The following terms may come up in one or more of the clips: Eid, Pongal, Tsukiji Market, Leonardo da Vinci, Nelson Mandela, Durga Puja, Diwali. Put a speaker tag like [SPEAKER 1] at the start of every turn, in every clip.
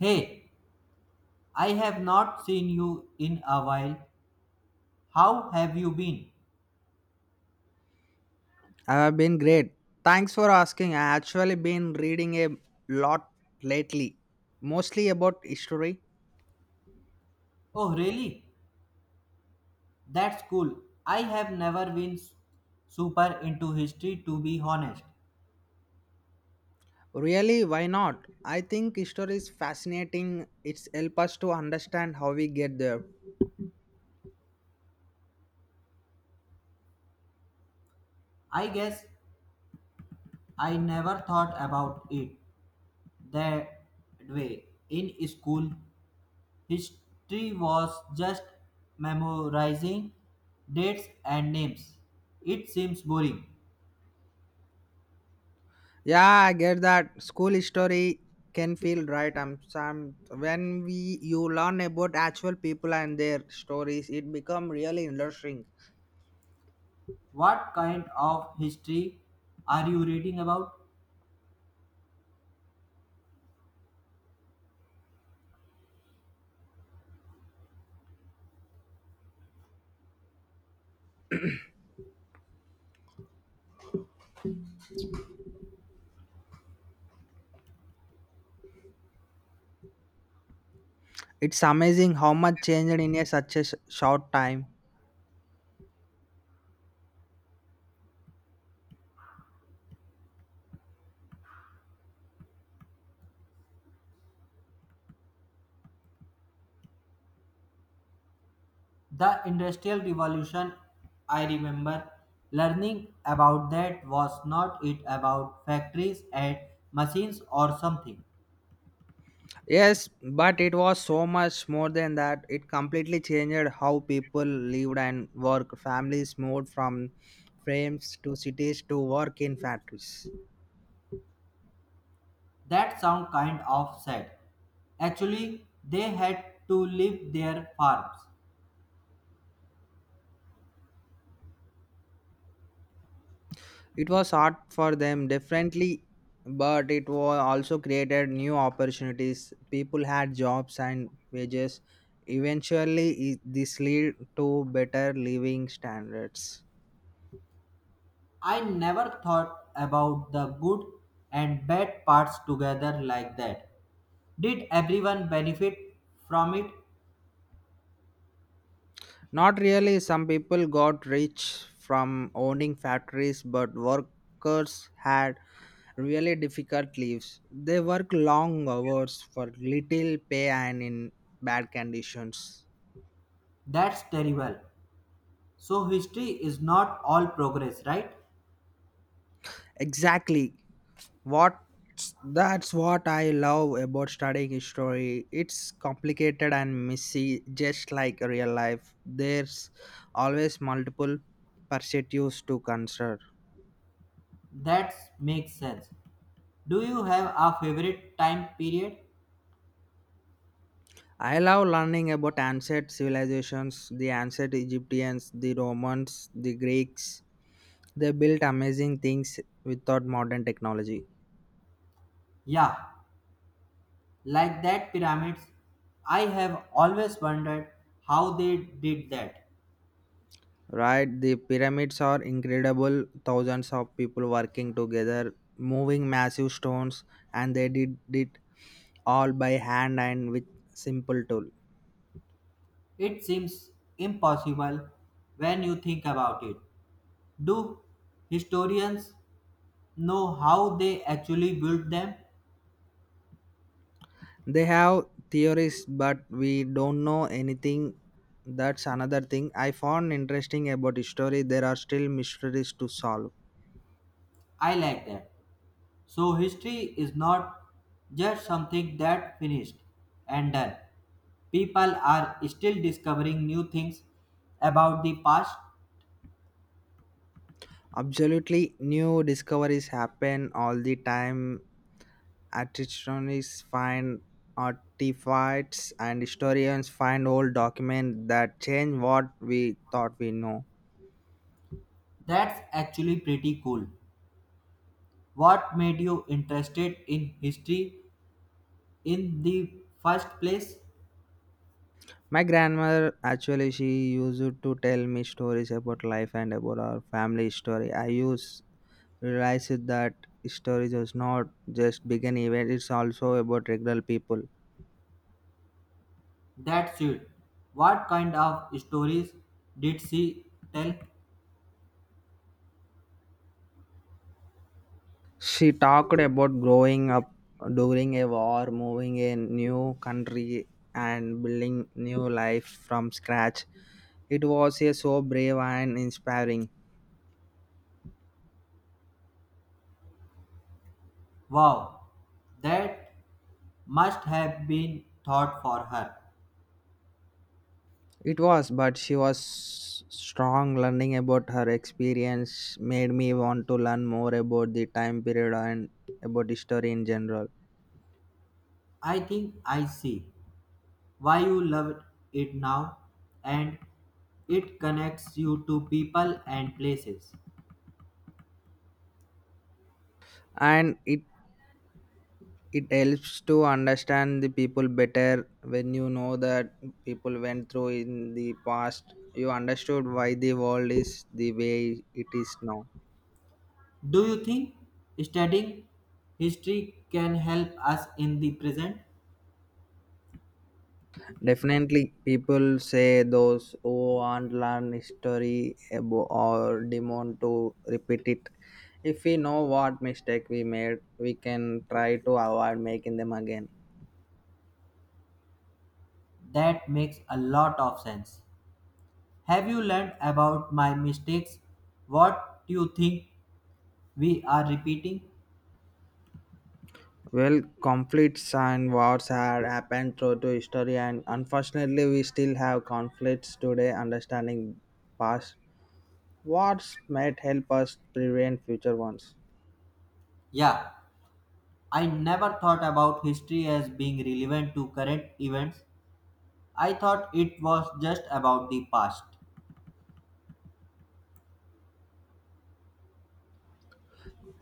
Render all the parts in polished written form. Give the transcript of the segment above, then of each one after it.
[SPEAKER 1] Hey, I have not seen you in a while. How have you been?
[SPEAKER 2] I have been great. Thanks for asking. I actually been reading a lot lately, mostly about history.
[SPEAKER 1] Oh, really? That's cool. I have never been super into history to be honest.
[SPEAKER 2] Really, why not? I think history is fascinating. It's help us to understand how we get there.
[SPEAKER 1] I guess I never thought about it that way. In school, history was just memorizing dates and names. It seems boring.
[SPEAKER 2] Yeah, I get that. School history can feel right. I'm some when we you learn about actual people and their stories, it become really interesting.
[SPEAKER 1] What kind of history are you reading about?
[SPEAKER 2] It's amazing how much changed in a such a short time.
[SPEAKER 1] The Industrial Revolution, I remember learning about that was not it about factories and machines or something.
[SPEAKER 2] Yes, but it was so much more than that. It completely changed how people lived and worked. Families moved from frames to cities to work in factories.
[SPEAKER 1] That sound kind of sad. Actually, they had to leave their farms.
[SPEAKER 2] It was hard for them differently, but it was also created new opportunities. People had jobs and wages. Eventually, this led to better living standards.
[SPEAKER 1] I never thought about the good and bad parts together like that. Did everyone benefit from it?
[SPEAKER 2] Not really. Some people got rich from owning factories, but workers had really difficult lives. They work long hours for little pay and in bad conditions.
[SPEAKER 1] That's terrible. So, history is not all progress, right?
[SPEAKER 2] Exactly. What that's what I love about studying history. It's complicated and messy, just like real life. There's always multiple perspectives to consider.
[SPEAKER 1] That makes sense. Do you have a favorite time period?
[SPEAKER 2] I love learning about ancient civilizations, the ancient Egyptians, the Romans, the Greeks. They built amazing things without modern technology.
[SPEAKER 1] Yeah, like that pyramids. I have always wondered how they did that.
[SPEAKER 2] Right? The pyramids are incredible. Thousands of people working together, moving massive stones, and they did it all by hand and with simple tool.
[SPEAKER 1] It seems impossible when you think about it. Do historians know how they actually built them?
[SPEAKER 2] They have theories, but we don't know anything. That's another thing I found interesting about history. There are still mysteries to solve.
[SPEAKER 1] I like that. So history is not just something that finished and done. People are still discovering new things about the past.
[SPEAKER 2] Absolutely, new discoveries happen all the time. Archaeologists find artifacts, and historians find old documents that change what we thought we know.
[SPEAKER 1] That's actually pretty cool. What made you interested in history in the first place?
[SPEAKER 2] My grandmother actually she used to tell me stories about life and about our family story. I used realized that stories is not just big an event; it's also about regular people.
[SPEAKER 1] That's it. What kind of stories did she tell?
[SPEAKER 2] She talked about growing up during a war, moving a new country, and building new life from scratch. It was a so brave and inspiring.
[SPEAKER 1] Wow, that must have been thought for her.
[SPEAKER 2] It was, but she was strong. Learning about her experience made me want to learn more about the time period and about history in general.
[SPEAKER 1] I think I see why you loved it now, and it connects you to people and places.
[SPEAKER 2] And it helps to understand the people better when you know that people went through in the past you understood why the world is the way it is now.
[SPEAKER 1] Do you think studying history can help us in the present?
[SPEAKER 2] Definitely people say those who aren't learn history or demand to repeat it. If we know what mistake we made we can try to avoid making them again.
[SPEAKER 1] That makes a lot of sense. Have you learned about my mistakes? What do you think we are repeating?
[SPEAKER 2] Well, conflicts and wars had happened through to history, and unfortunately, we still have conflicts today. Understanding past wars might help us prevent future ones.
[SPEAKER 1] Yeah, I never thought about history as being relevant to current events. I thought it was just about the past.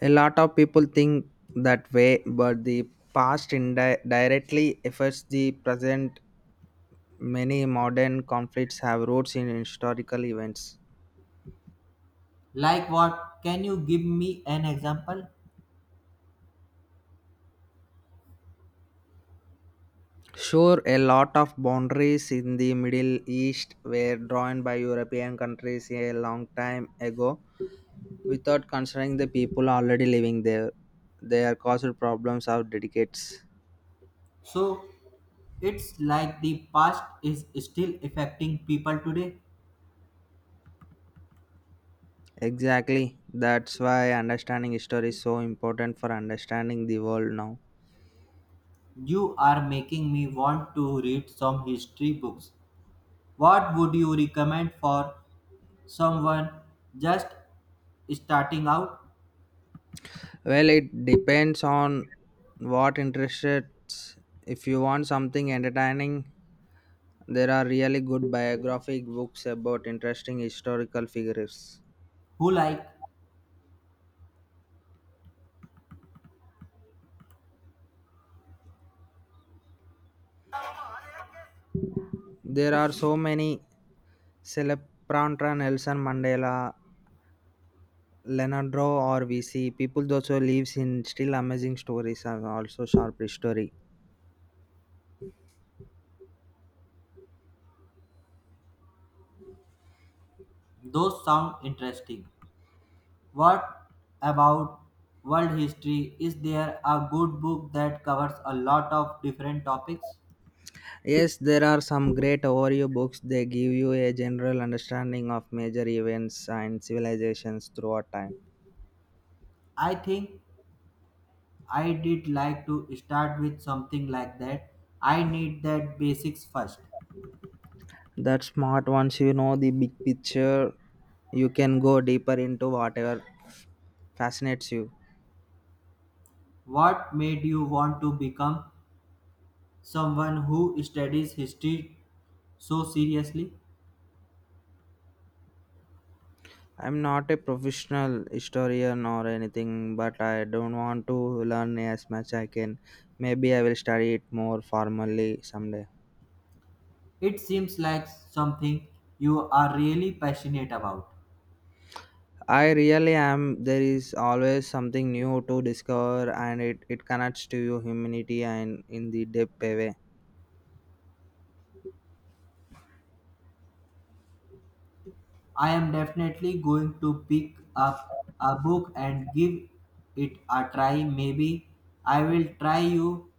[SPEAKER 2] A lot of people think that way, but the past directly affects the present. Many modern conflicts have roots in historical events.
[SPEAKER 1] Like what? Can you give me an example?
[SPEAKER 2] Sure, a lot of boundaries in the Middle East were drawn by European countries a long time ago without considering the people already living there. They are caused problems of decades.
[SPEAKER 1] So, it's like the past is still affecting people today.
[SPEAKER 2] Exactly. That's why understanding history is so important for understanding the world now.
[SPEAKER 1] You are making me want to read some history books. What would you recommend for someone just starting out
[SPEAKER 2] Well, it depends on what interests. If you want something entertaining, there are really good biographic books about interesting historical figures.
[SPEAKER 1] who like
[SPEAKER 2] There are so many Celeprantra, Nelson Mandela, Leonardo or VC. People also lives in still amazing stories and also sharp history.
[SPEAKER 1] those sound interesting? What about world history? Is there a good book that covers a lot of different topics?
[SPEAKER 2] Yes, there are some great overview books. They give you a general understanding of major events and civilizations throughout time.
[SPEAKER 1] I think I did like to start with something like that. I need that basics first.
[SPEAKER 2] That's smart. Once you know the big picture, you can go deeper into whatever fascinates you.
[SPEAKER 1] What made you want to become someone who studies history so seriously?
[SPEAKER 2] I'm not a professional historian or anything, but I don't want to learn as much I can. Maybe I will study it more formally someday.
[SPEAKER 1] It seems like something you are really passionate about.
[SPEAKER 2] I really am. There is always something new to discover, and it connects to your humanity and in the deep way.
[SPEAKER 1] I am definitely going to pick up a book and give it a try. Maybe I will try you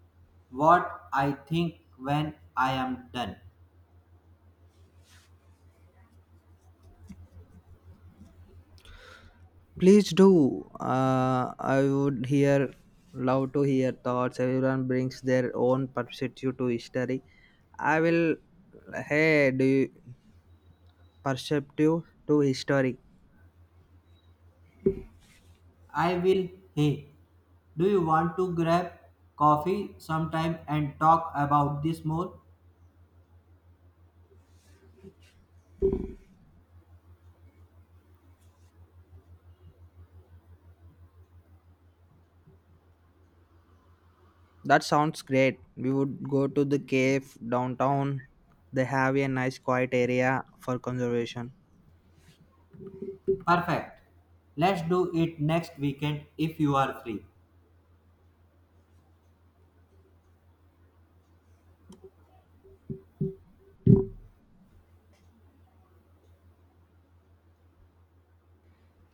[SPEAKER 1] what I think when I am done.
[SPEAKER 2] Please do. Love to hear thoughts. Everyone brings their own perspective to history. I will. Hey, do you perceptive to history?
[SPEAKER 1] I will, hey, do you want to grab coffee sometime and talk about this more?
[SPEAKER 2] That sounds great. We would go to the cave downtown. They have a nice quiet area for conservation.
[SPEAKER 1] Perfect. Let's do it next weekend if you are free.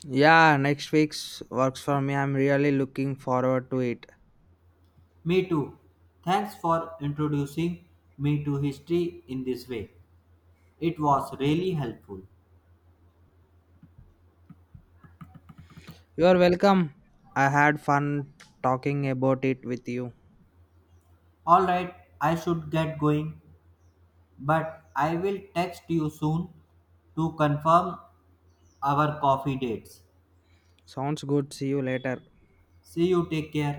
[SPEAKER 2] Yeah, next week's works for me. I'm really looking forward to it.
[SPEAKER 1] Me too. Thanks for introducing me to history in this way. It was really helpful.
[SPEAKER 2] You're welcome. I had fun talking about it with you.
[SPEAKER 1] Alright, I should get going, but I will text you soon to confirm our coffee dates.
[SPEAKER 2] Sounds good. See you later.
[SPEAKER 1] See you, take care.